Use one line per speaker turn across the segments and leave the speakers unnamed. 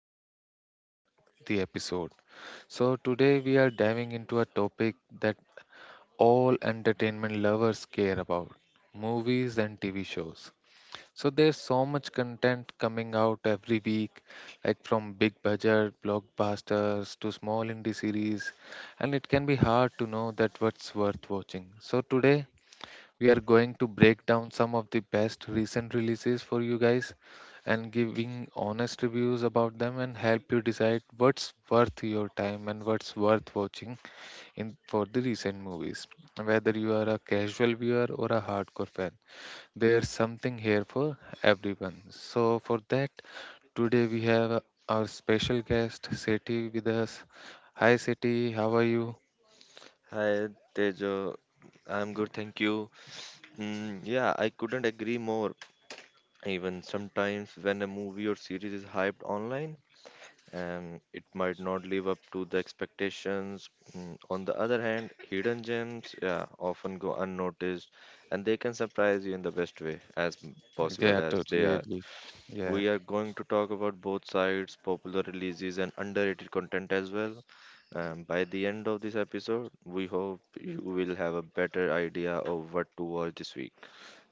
excited about the episode. So today we are diving into a topic that all entertainment lovers care about: movies and TV shows. So there's so much content coming out every week, like from big budget blockbusters to small indie series, and it can be hard to know that what's worth watching. So today we are going to break down some of the best recent releases for you guys and giving honest reviews about them and help you decide what's worth your time and what's worth watching in for the recent movies. Whether you are a casual viewer or a hardcore fan, there's something here for everyone. So for that, today we have our special guest Seti with us. Hi Seti, how are you?
Hi Tejo, I'm good, thank you. Yeah, I couldn't agree more. Even sometimes when a movie or series is hyped online, it might not live up to the expectations. Mm, on the other hand, hidden gems, yeah, often go unnoticed, and they can surprise you in the best way possible
Yeah,
as they
totally
are.
agree. Yeah.
We are going to talk about both sides, popular releases, and underrated content as well. By the end of this episode, we hope you will have a better idea of what to watch this week.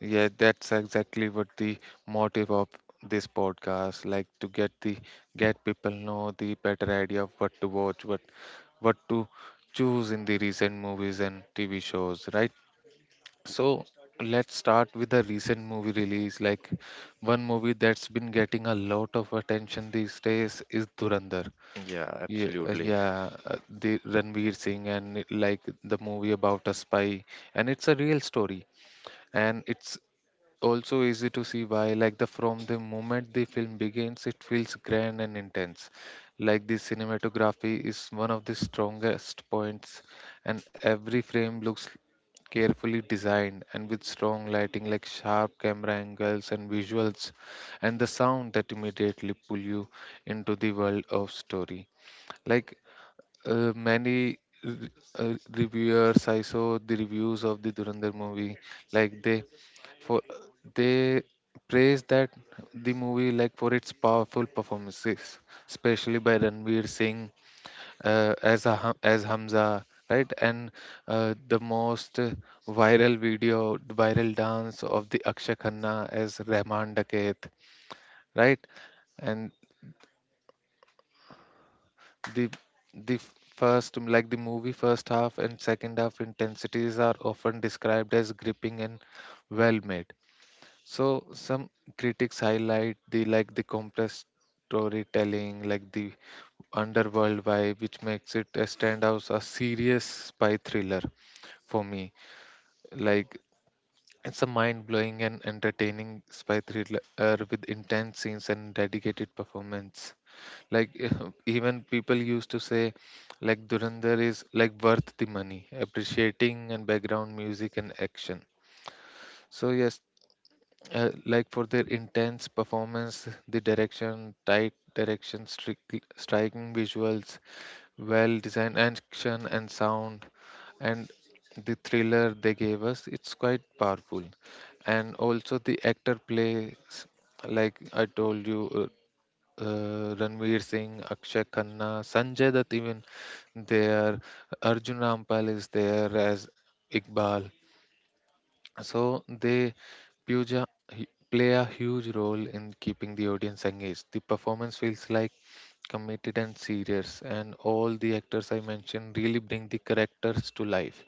Yeah, that's exactly what the motive of this podcast, like to get the get people know the better idea of what to watch, what to choose in the recent movies and TV shows, right? So let's start with the recent movie release. Like one movie that's been getting a lot of attention these days is Durandar.
Yeah, absolutely.
Yeah, the Ranveer Singh and like the movie about a spy, and it's a real story, and it's also easy to see why, like the from the moment the film begins it feels grand and intense, like the cinematography is one of the strongest points and every frame looks carefully designed and with strong lighting, like sharp camera angles and visuals and the sound that immediately pull you into the world of story. Like many re- reviewers, I saw the reviews of the Durandar movie, like for they praised that the movie like for its powerful performances, especially by Ranveer Singh, as a, as Hamza, right? And the most viral video, the viral dance of the Akshay Khanna as Rahman Daket, right? And the the first, like the movie first half and second half intensities are often described as gripping and well made. So some critics highlight the like the compressed storytelling, like the underworld vibe, which makes it a standout, a serious spy thriller. For me, like it's a mind-blowing and entertaining spy thriller with intense scenes and dedicated performance. Like even people used to say, like Durandar is like worth the money, appreciating and background music and action. So yes, like for their intense performance, the direction, tight direction, striking visuals, well designed action and sound, and the thriller they gave us, it's quite powerful. And also the actor plays, like I told you, Ranveer Singh, Akshay Khanna, Sanjay Dutt even there, Arjun Rampal is there as Iqbal, so they puja- play a huge role in keeping the audience engaged. The performance feels like committed and serious, and all the actors I mentioned really bring the characters to life.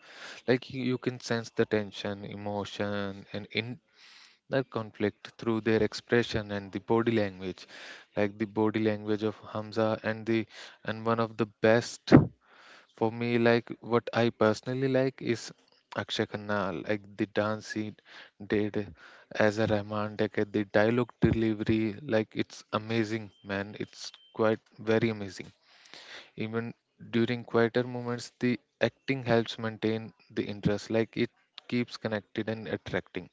Like you can sense the tension, emotion, and inner conflict through their expression and the body language, like the body language of Hamza and the and one of the best for me, like what I personally like is Akshay Khanna, like the dance he did as a Rahman, like the dialogue delivery, like it's amazing, man. It's quite very amazing. Even during quieter moments, the acting helps maintain the interest, like it keeps connected and attracting.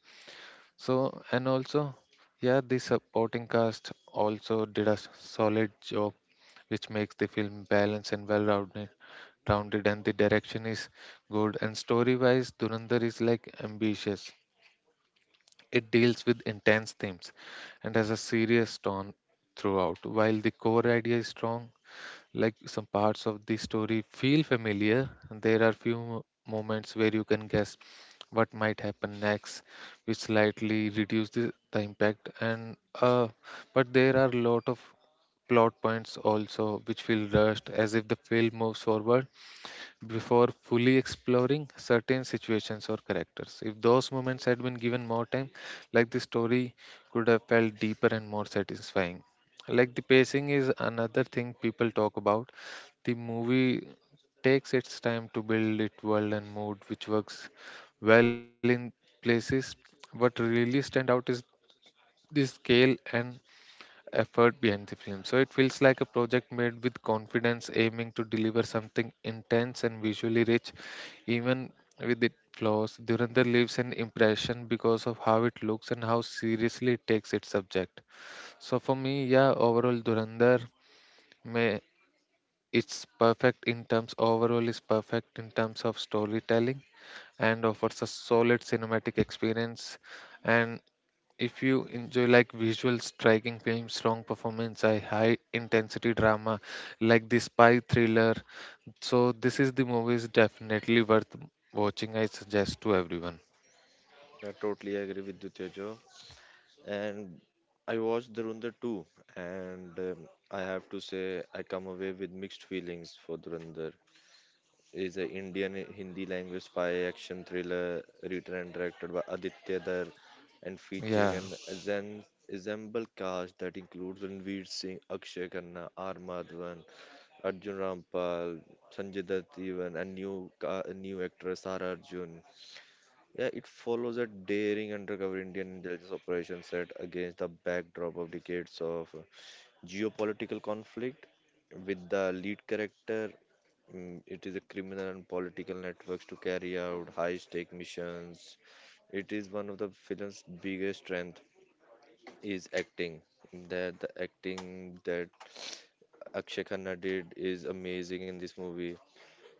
So, and also, yeah, the supporting cast also did a solid job, which makes the film balanced and well rounded and the direction is good, and story wise Durandar is like ambitious. It deals with intense themes and has a serious tone throughout. While the core idea is strong, like some parts of the story feel familiar and there are few moments where you can guess what might happen next, which slightly reduce the impact, and but there are a lot of plot points also which feel rushed as if the film moves forward before fully exploring certain situations or characters. If those moments had been given more time, like the story could have felt deeper and more satisfying. Like the pacing is another thing people talk about. The movie takes its time to build its world and mood, which works well in places. What really stand out is the scale and effort behind the film. So it feels like a project made with confidence, aiming to deliver something intense and visually rich, even with its flaws. Durandar leaves an impression because of how it looks and how seriously it takes its subject. So for me, yeah, overall Durandar may it's perfect in terms, overall is perfect in terms of storytelling and offers a solid cinematic experience, and if you enjoy like visual striking films, strong performance, a high intensity drama like the spy thriller, so this is the movie is definitely worth watching. I suggest to everyone.
I totally agree with you, Tejo. And I watched Durandar 2, and I have to say, I come away with mixed feelings for Durandar. Is a Indian Hindi language spy action thriller written and directed by Aditya Dar and featuring
Yeah.
an ensemble cast that includes Ranveer Singh, Akshay Khanna, R. Madhavan, Arjun Rampal, Sanjay Dutt even, and new actress Sara Arjun. Yeah, it follows a daring undercover Indian intelligence operation set against the backdrop of decades of geopolitical conflict with the lead character. Mm, it is a criminal and political networks to carry out high-stake missions. It is one of the film's biggest strength is acting. That the acting that Akshay Khanna did is amazing in this movie.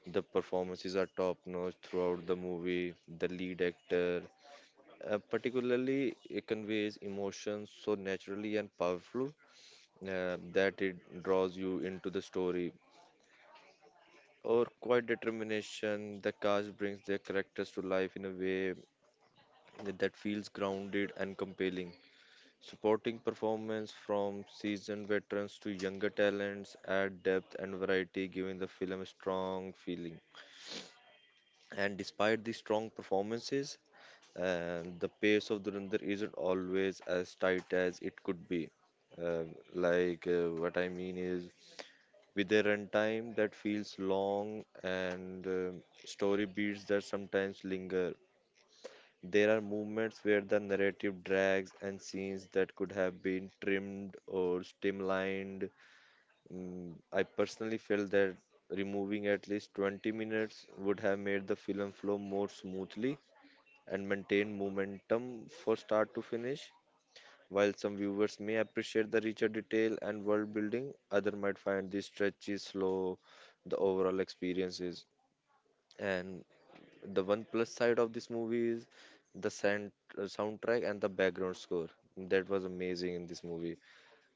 The performances are top-notch throughout the movie. The lead actor, particularly, it conveys emotions so naturally and powerful that it draws you into the story. Or quiet determination, the cast brings their characters to life in a way that feels grounded and compelling. Supporting performance from seasoned veterans to younger talents add depth and variety, giving the film a strong feeling. And despite the strong performances, and the pace of Dhurandhar isn't always as tight as it could be. What I mean is with a runtime that feels long and story beats that sometimes linger. There are moments where the narrative drags and scenes that could have been trimmed or streamlined. Mm, I personally felt that removing at least 20 minutes would have made the film flow more smoothly and maintain momentum for start to finish. While some viewers may appreciate the richer detail and world building, others might find the stretch is slow, the overall experience is. And the one plus side of this movie is the sound, soundtrack and the background score. That was amazing in this movie.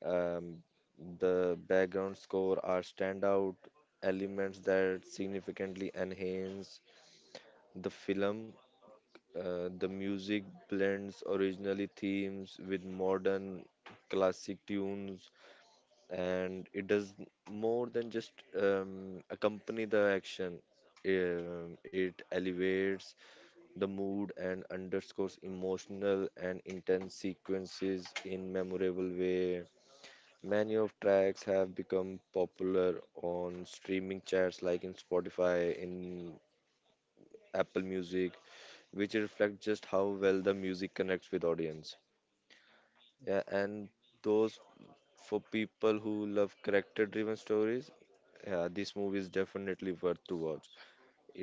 Um, the background score are standout elements that significantly enhance the film. The music blends originally themes with modern classic tunes, and it does more than just accompany the action. It elevates the mood and underscores emotional and intense sequences in memorable way. Many of tracks have become popular on streaming charts like in Spotify, in Apple Music, which reflect just how well the music connects with audience. Yeah, and those for people who love character driven stories. Yeah, this movie is definitely worth to watch.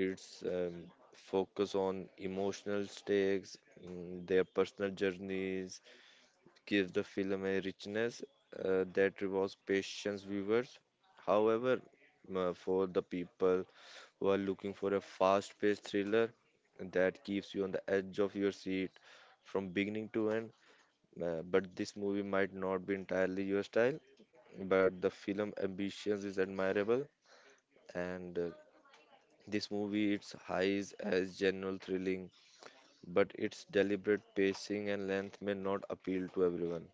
It's focus on emotional stakes, mm, their personal journeys, gives the film a richness that rewards patience viewers. However, for the people who are looking for a fast-paced thriller that keeps you on the edge of your seat from beginning to end, but this movie might not be entirely your style. But the film ambitions is admirable, and this movie, its highs as general thrilling, but its deliberate pacing and length may not appeal to everyone.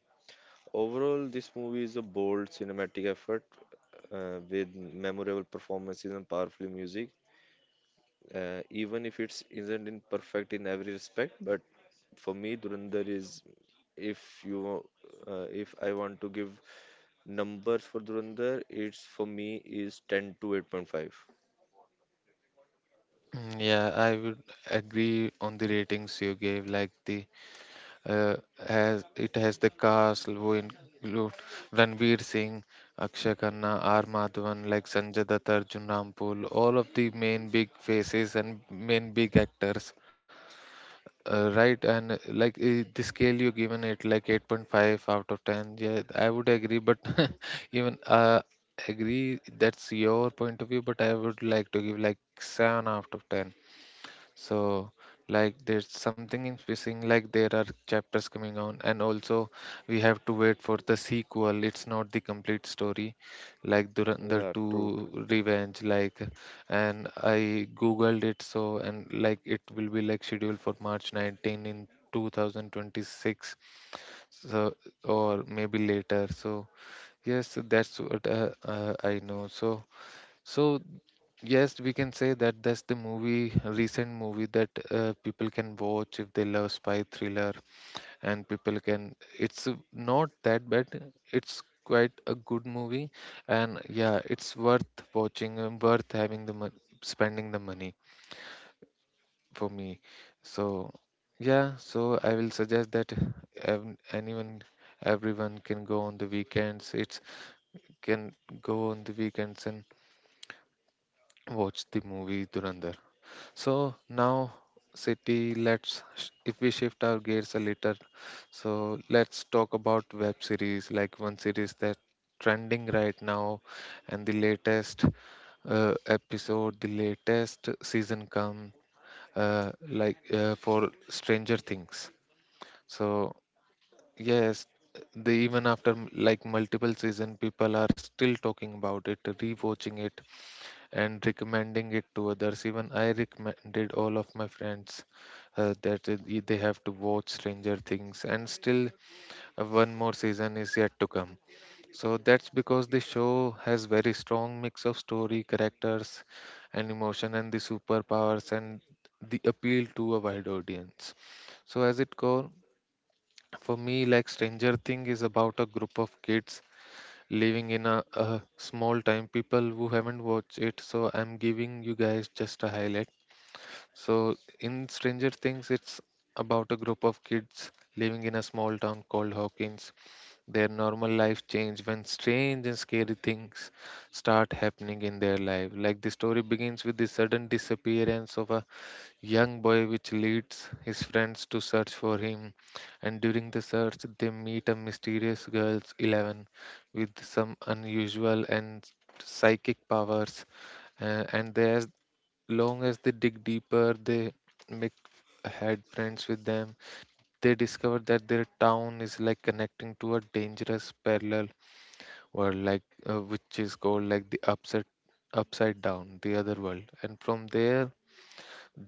Overall, this movie is a bold cinematic effort with memorable performances and powerful music. Even if it isn't in perfect in every respect, but for me, Durandar is if you wa- if I want to give numbers for Durandar, it's for me is 10 to 8.5.
Mm, yeah, I would agree on the ratings you gave. Like the uh, has it has the cast who include Ranveer Singh, Akshay Khanna, R. Madhavan, like Sanjay Dutt, Arjun Rampal, all of the main big faces and main big actors. Right, and like the scale you given it like 8.5 out of 10, yeah, I would agree, but even agree that's your point of view, but I would like to give like 7 out of 10. So, like, there's something in missing, like, there are chapters coming on, and also we have to wait for the sequel. It's not the complete story, like Durandar
Yeah, true,
2
true.
Revenge, like, and I googled it, so, and like, it will be like scheduled for March 19 in 2026, so, or maybe later. So yes, that's what I know. So, so yes, we can say that that's the movie, recent movie that people can watch if they love spy thriller, and people can. It's not that bad. It's quite a good movie, and yeah, it's worth watching and worth having the spending the money for me. So yeah, so I will suggest that anyone, everyone can go on the weekends. It's can go on the weekends and watch the movie Durandar. So now, City, let's if we shift our gears a little, so let's talk about web series, like one series that trending right now, and the latest episode, the latest season come, like for Stranger Things. So yes, the even after like multiple season, people are still talking about it, rewatching it, and recommending it to others. Even I recommended all of my friends that they have to watch Stranger Things, and still one more season is yet to come. So that's because the show has very strong mix of story, characters, and emotion, and the superpowers and the appeal to a wide audience. So as it core, for me, like Stranger Thing is about a group of kids living in a small time people who haven't watched it, so I'm giving you guys just a highlight. So in Stranger Things, it's about a group of kids living in a small town called Hawkins. Their normal life change when strange and scary things start happening in their life. Like the story begins with the sudden disappearance of a young boy, which leads his friends to search for him, and during the search they meet a mysterious girl 11 with some unusual and psychic powers. And they, as long as they dig deeper, they make had friends with them. They discover that their town is like connecting to a dangerous parallel world, like which is called like the upset upside down, the other world. And from there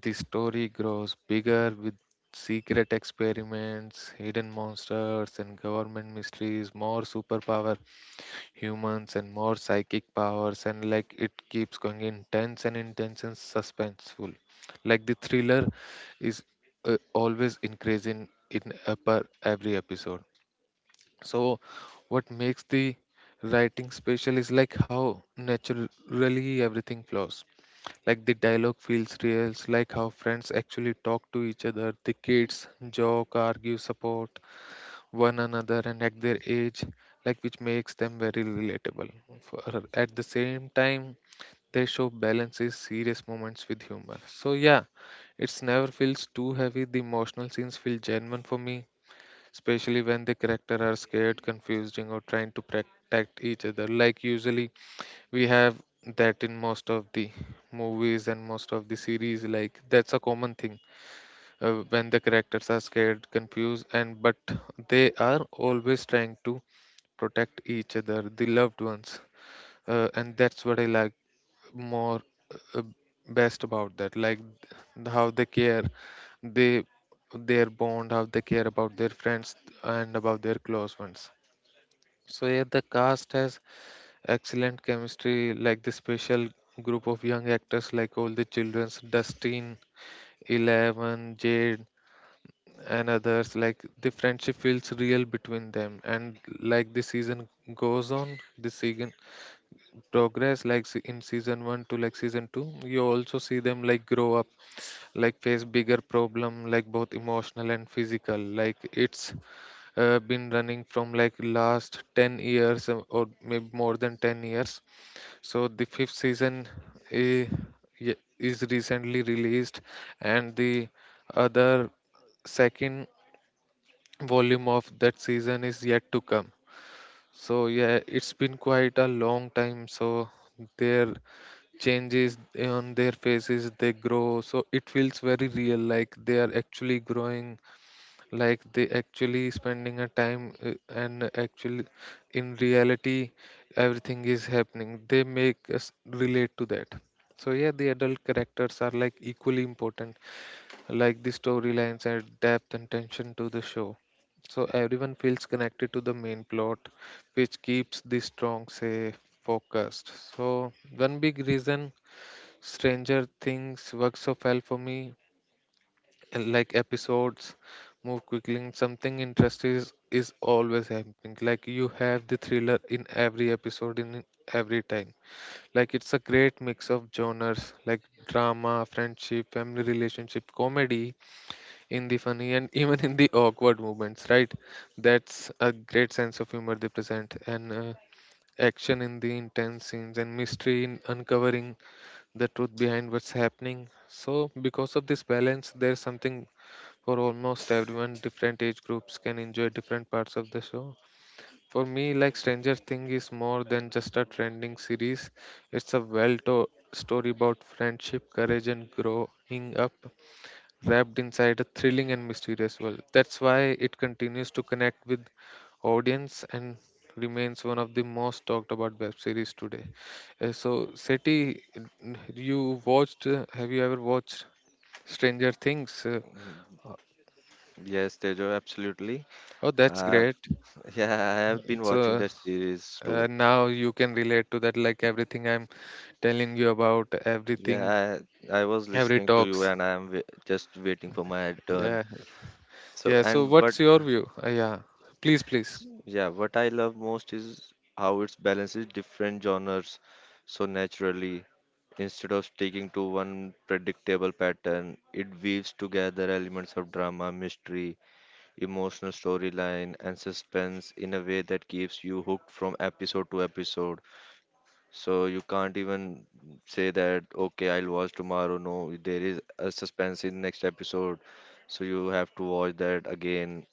the story grows bigger with secret experiments, hidden monsters, and government mysteries, more superpower humans, and more psychic powers. And like it keeps going intense and intense and suspenseful. Like the thriller is always increasing in upper every episode. So, what makes the writing special is like how naturally everything flows, like the dialogue feels real, like how friends actually talk to each other. The kids joke, argue, support one another, and at their age, like which makes them very relatable. For, at the same time, they show balances serious moments with humor. So yeah, it's never feels too heavy. The emotional scenes feel genuine for me, especially when the character are scared, confusing, or trying to protect each other. Like usually we have that in most of the movies and most of the series, like that's a common thing when the characters are scared, confused, and but they are always trying to protect each other, the loved ones, and that's what I like more, uh, best about that. Like how they care, they, their bond, how they care about their friends and about their close ones. So yeah, the cast has excellent chemistry, like the special group of young actors, like all the childrens, Dustin, Eleven, Jade, and others. Like the friendship feels real between them, and like the season goes on, the season progress, like in season one to like season two, you also see them like grow up, like face bigger problem, like both emotional and physical. Like it's been running from like last 10 years, or maybe more than 10 years. So the fifth season, i- is recently released, and the other second volume of that season is yet to come. So yeah, it's been quite a long time. So their changes on their faces, they grow. So it feels very real, like they are actually growing, like they actually spending a time, and actually in reality everything is happening, they make us relate to that. So yeah, the adult characters are like equally important, like the storylines add depth and tension to the show, so everyone feels connected to the main plot, which keeps the strong say focused. So one big reason Stranger Things works so well for me, like episodes move quickly and something interesting is always happening. Like you have the thriller in every episode, in every time. Like it's a great mix of genres, like drama, friendship, family relationship, comedy, in the funny and even in the awkward moments, right? That's a great sense of humor they present, and action in the intense scenes, and mystery in uncovering the truth behind what's happening. So because of this balance, there's something for almost everyone. Different age groups can enjoy different parts of the show. For me, like Stranger Things is more than just a trending series. It's a well-told story about friendship, courage, and growing up, wrapped inside a thrilling and mysterious world. That's why it continues to connect with audience and remains one of the most talked about web series today. So, Seti, you watched? Have you ever watched Stranger Things?
Yes, Tejo, absolutely.
Oh, that's
Uh,
great.
yeah, I have been watching
So
that series too.
now you can relate to that, like everything I'm telling you about, everything,
Yeah, I was
every
listening to you
talks.
and I am w just waiting for my turn.
Yeah,
So,
yeah. So
and but
what's your view? Yeah, please, please.
yeah, what I love most is how it balances different genres so naturally. Instead of sticking to one predictable pattern, it weaves together elements of drama, mystery, emotional storyline, and suspense in a way that keeps you hooked from episode to episode. So you can't even say that, okay, I'll watch tomorrow. No, there is a suspense in next episode. So you have to watch that again.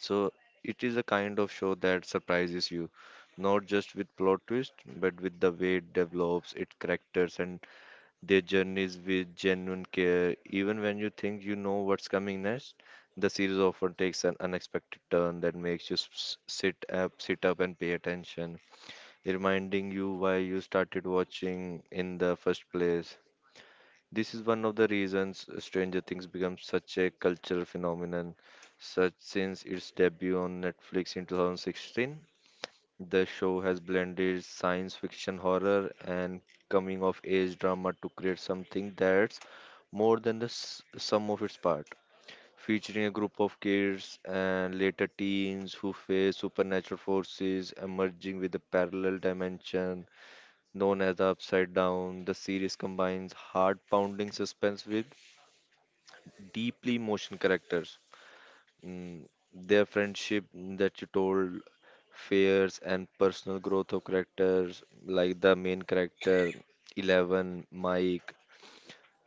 So it is a kind of show that surprises you, not just with plot twist, but with the way it develops, its characters and their journeys with genuine care. Even when you think you know what's coming next, the series often takes an unexpected turn that makes you sit up and pay attention, reminding you why you started watching in the first place. This is one of the reasons Stranger Things becomes such a cultural phenomenon. Such since its debut on Netflix in 2016, the show has blended science fiction, horror, and coming of age drama to create something that's more than the sum of its part. Featuring a group of kids and later teens who face supernatural forces, emerging with a parallel dimension known as the Upside Down. The series combines heart pounding suspense with deeply emotional characters. Mm, their friendship that you told, fears, and personal growth of characters, like the main character, 11, Mike.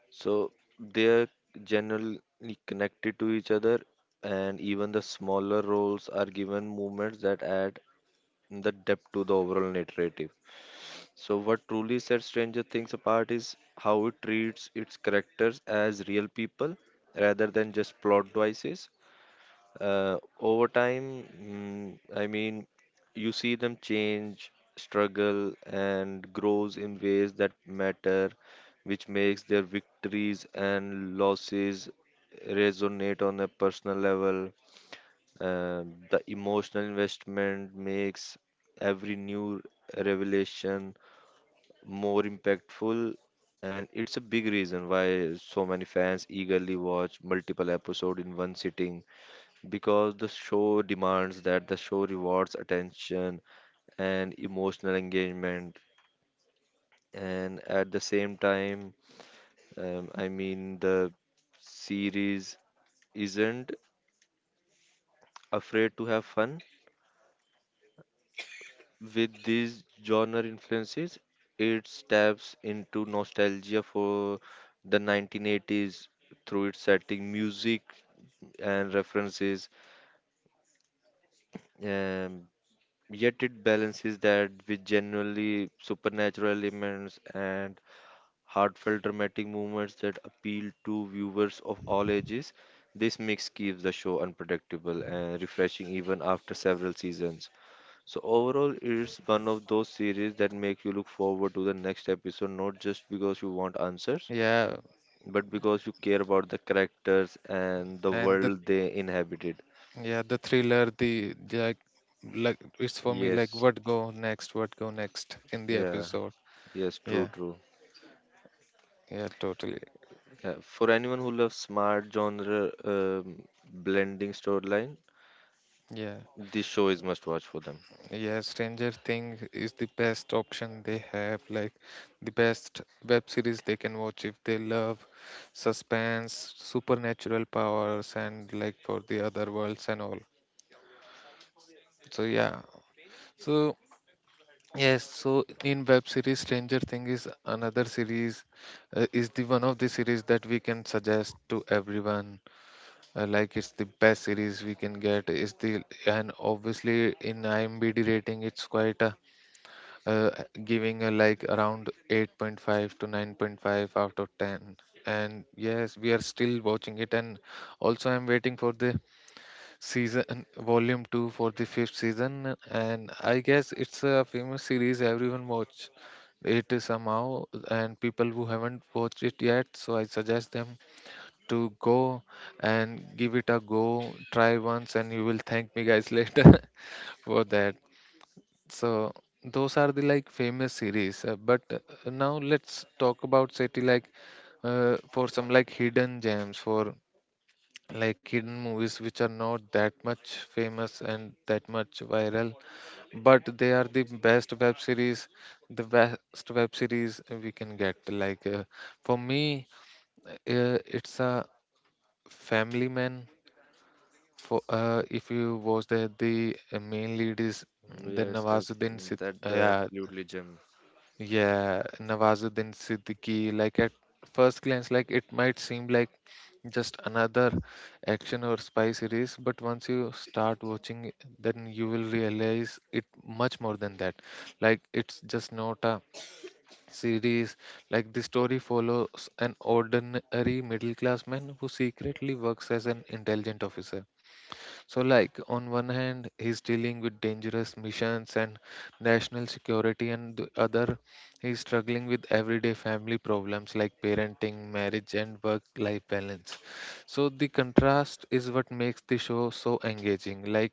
So they're generally connected to each other, and even the smaller roles are given movements that add the depth to the overall narrative. So, what truly sets Stranger Things apart is how it treats its characters as real people rather than just plot devices. Over time, I mean, you see them change, struggle, and grows in ways that matter, which makes their victories and losses resonate on a personal level. Uh, the emotional investment makes every new revelation more impactful, and it's a big reason why so many fans eagerly watch multiple episodes in one sitting because the show demands that the show rewards attention and emotional engagement. And at the same time, I mean the series isn't afraid to have fun. With these genre influences, it taps into nostalgia for the 1980s through its setting, music, and references. Um, Yet it balances that with genuinely supernatural elements and heartfelt dramatic moments that appeal to viewers of all ages. This mix keeps the show unpredictable and refreshing even after several seasons. So overall, it's one of those series that make you look forward to the next episode, not just because you want answers,
Yeah,
but because you care about the characters and the
and the,
world they inhabited.
yeah, the thriller, the, like it's for me like
Yes,
what go next in the
yeah,
episode.
yes, true,
Yeah,
true.
yeah, totally.
Yeah. For anyone who loves smart genre blending storyline,
Yeah.
this show is must watch for them.
Yeah, Stranger Things is the best option they have, like the best web series they can watch if they love suspense, supernatural powers, and like for the other worlds and all. So, yeah. So, yes, so in web series, Stranger Thing is another series, is the one of the series that we can suggest to everyone. Like, it's the best series we can get. Is the, and obviously in IMDb rating, it's quite a uh, giving a like around 8.5 to 9.5 out of 10. And yes, we are still watching it, and also I'm waiting for the season volume 2 for the fifth season, and I guess it's a famous series, everyone watch it somehow. And people who haven't watched it yet, so I suggest them to go and give it a go, try once and you will thank me, guys, later for that. So those are the like famous series. But now let's talk about SETI, like for some like hidden gems, for like hidden movies which are not that much famous and that much viral, but they are the best web series, the best web series we can get. Like for me, uh, it's a Family Man. For if you watch the main lead is the
Yes, yes, mm, that
Uh,
the
yeah,
absolutely gem.
Yeah, Nawazuddin Siddiqui. Like at first glance, like it might seem like just another action or spy series, but once you start watching it, then you will realize it much more than that. Like it's just not a series. Like the story follows an ordinary middle class man who secretly works as an intelligent officer. So, like, on one hand, he's dealing with dangerous missions and national security, and the other, he's struggling with everyday family problems like parenting, marriage, and work life balance. So, the contrast is what makes the show so engaging. Like,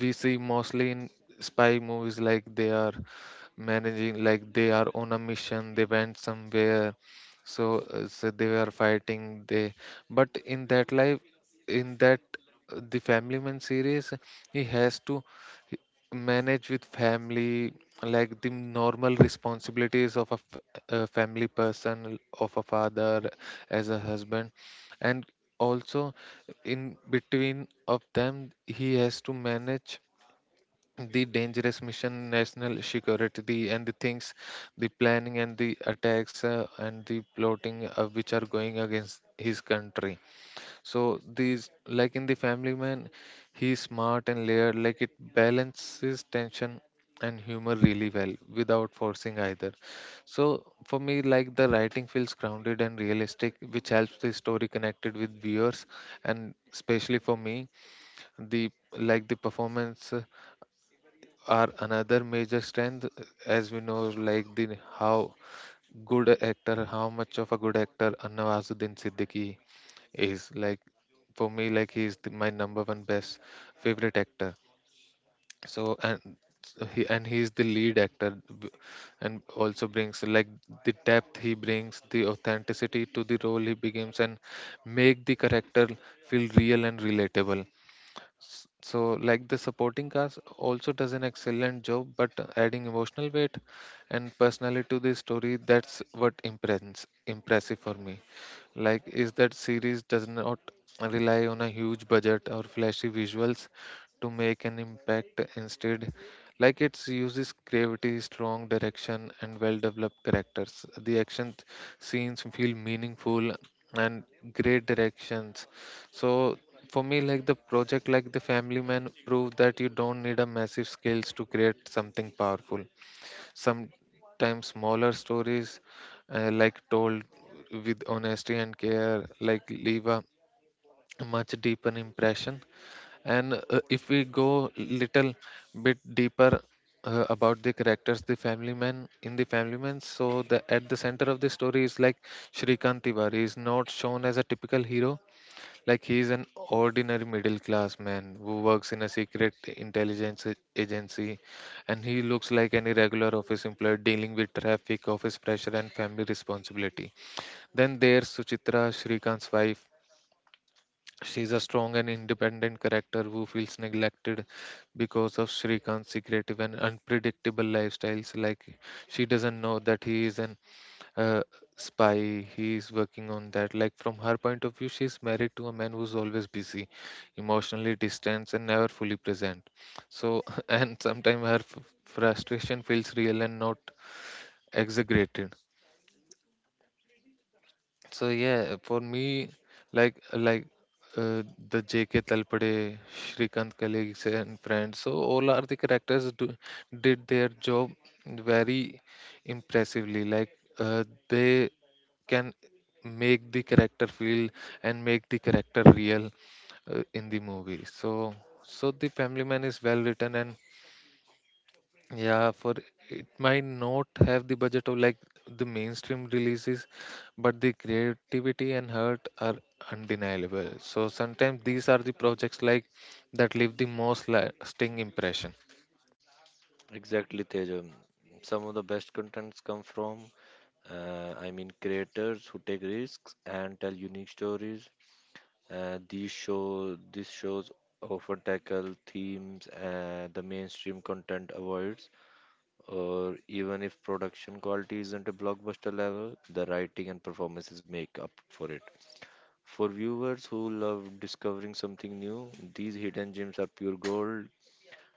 we see mostly in spy movies, like they are managing, like they are on a mission, they went somewhere, so, so they were fighting, they, but in that life, in that, the family man series, he has to, he- manage with family, like the normal responsibilities of a, a family person, of a father, as a husband, and also in between of them, he has to manage the dangerous mission, national security, the, and the things, the planning and the attacks, and the plotting, which are going against his country. So these like in the Family Man, he's smart and layered. Like it balances tension and humor really well without forcing either. So for me, like the writing feels grounded and realistic, which helps the story connected with viewers, and especially for me, the, like the performance, are another major strength. As we know, like the how good actor, how much of a good actor Nawazuddin Siddiqui. He's like, for me, like he's the, my number one best favorite actor. So and so he, and he's the lead actor, and also brings like the depth, he brings the authenticity to the role, he becomes and make the character feel real and relatable. So, like the supporting cast also does an excellent job, but adding emotional weight and personality to the story, that's what impresses impressive for me. Like, is that series does not rely on a huge budget or flashy visuals to make an impact. Instead, like it uses creativity, strong direction, and well-developed characters. The action scenes feel meaningful and great directions. So for me, like the project, like the Family Man proved that you don't need a massive scales to create something powerful. Sometimes smaller stories, like told with honesty and care, like leave a much deeper impression. And if we go little bit deeper about the characters, the Family Man, so the at the center of the story is like Shrikant Tiwari is not shown as a typical hero. Like he is an ordinary middle class man who works in a secret intelligence agency, and he looks like any regular office employee dealing with traffic, office pressure, and family responsibility. Then there's Suchitra, Shrikant's wife. She's a strong and independent character who feels neglected because of Shrikant's secretive and unpredictable lifestyles. Like she doesn't know that he is an uh, spy, he is working on that, like from her point of view she's married to a man who's always busy, emotionally distant and never fully present. So and sometimes her frustration feels real and not exaggerated. So yeah, for me, like uh, the JK Talpade, Shrikant colleagues and friends. So all are the characters do, did their job very impressively. Like uh, they can make the character feel and make the character real in the movie. So so the family man is well written. And yeah, for it might not have the budget of like the mainstream releases, but the creativity and heart are undeniable. So sometimes these are the projects like that leave the most lasting impression.
Exactly, Teja. Some of the best contents come from, I mean, creators who take risks and tell unique stories. Uh, these shows often tackle themes the mainstream content avoids, or even if production quality isn't a blockbuster level, the writing and performances make up for it. For viewers who love discovering something new, these hidden gems are pure gold.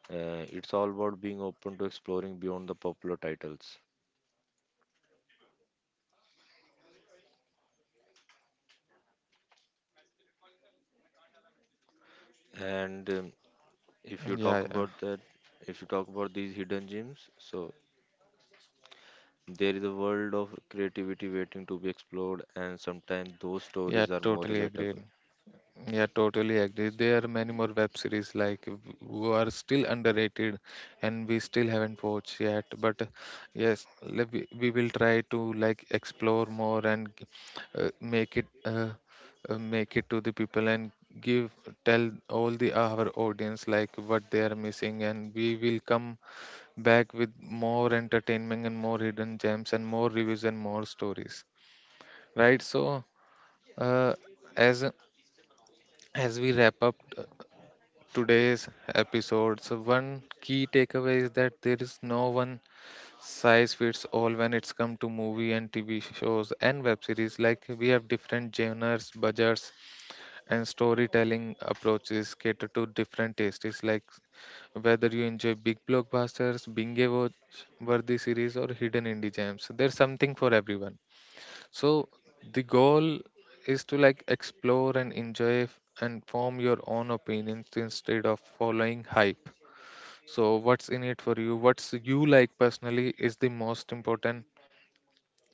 It's all about being open to exploring beyond the popular titles. And if you talk
Yeah, yeah,
about that, if you talk about these hidden gems, so there is a world of creativity waiting to be explored, and sometimes those
yeah,
stories are more
totally agreed.
relatable.
Yeah, totally agree. There are many more web series like, who are still underrated and we still haven't watched yet. But yes, we will try to like explore more and make it, make it to the people, and give, tell all the our audience like what they are missing, and we will come back with more entertainment and more hidden gems and more reviews and more stories. Right? So, uh, as as we wrap up today's episode. So one key takeaway is that there is no one size fits all when it's come to movie and TV shows and web series. Like we have different genres, budgets, and storytelling approaches cater to different tastes. Like whether you enjoy big blockbusters, binge watch worthy series, or hidden indie gems, there's something for everyone. So the goal is to like explore and enjoy, and form your own opinions instead of following hype. So what's in it for you? What's you like personally is the most important.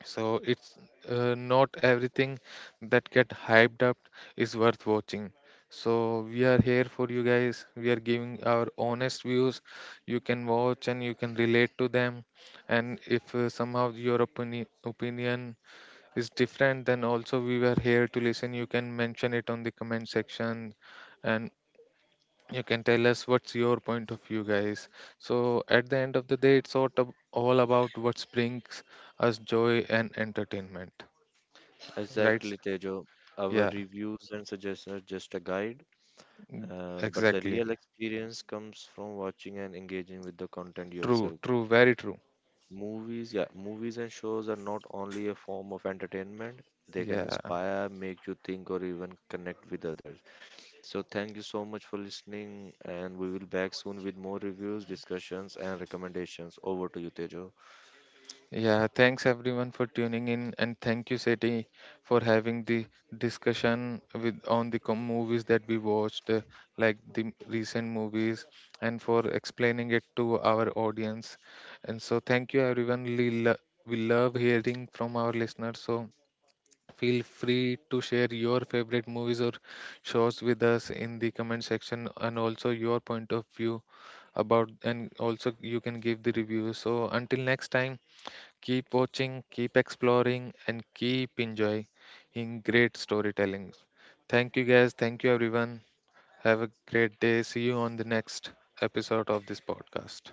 So it's, not everything that get hyped up is worth watching. So we are here for you, guys. We are giving our honest views. You can watch and you can relate to them. And if somehow your opinion is different, then also we were here to listen, you can mention it on the comment section, and you can tell us what's your point of view, guys. So at the end of the day, it's sort of all about what brings us joy and entertainment, right?
Exactly, Tejo. Our
Yeah,
reviews and suggestions are just a guide, but the
exactly,
real experience comes from watching and engaging with the content
true,
yourself.
true, very true.
Movies, yeah, movies and shows are not only a form of entertainment, they can
Yeah.
inspire, make you think, or even connect with others. So, thank you so much for listening, and we will back soon with more reviews, discussions, and recommendations. Over to you, Tejo.
Yeah, thanks everyone for tuning in, and thank you, Seti, for having the discussion with on the movies that we watched, like the recent movies, and for explaining it to our audience. And so, thank you, everyone. We, we love hearing from our listeners. So, feel free to share your favorite movies or shows with us in the comment section, and also your point of view about. And also, you can give the review. So, until next time. Keep watching, keep exploring, and keep enjoying great storytelling. Thank you, guys. Thank you, everyone. Have a great day. See you on the next episode of this podcast.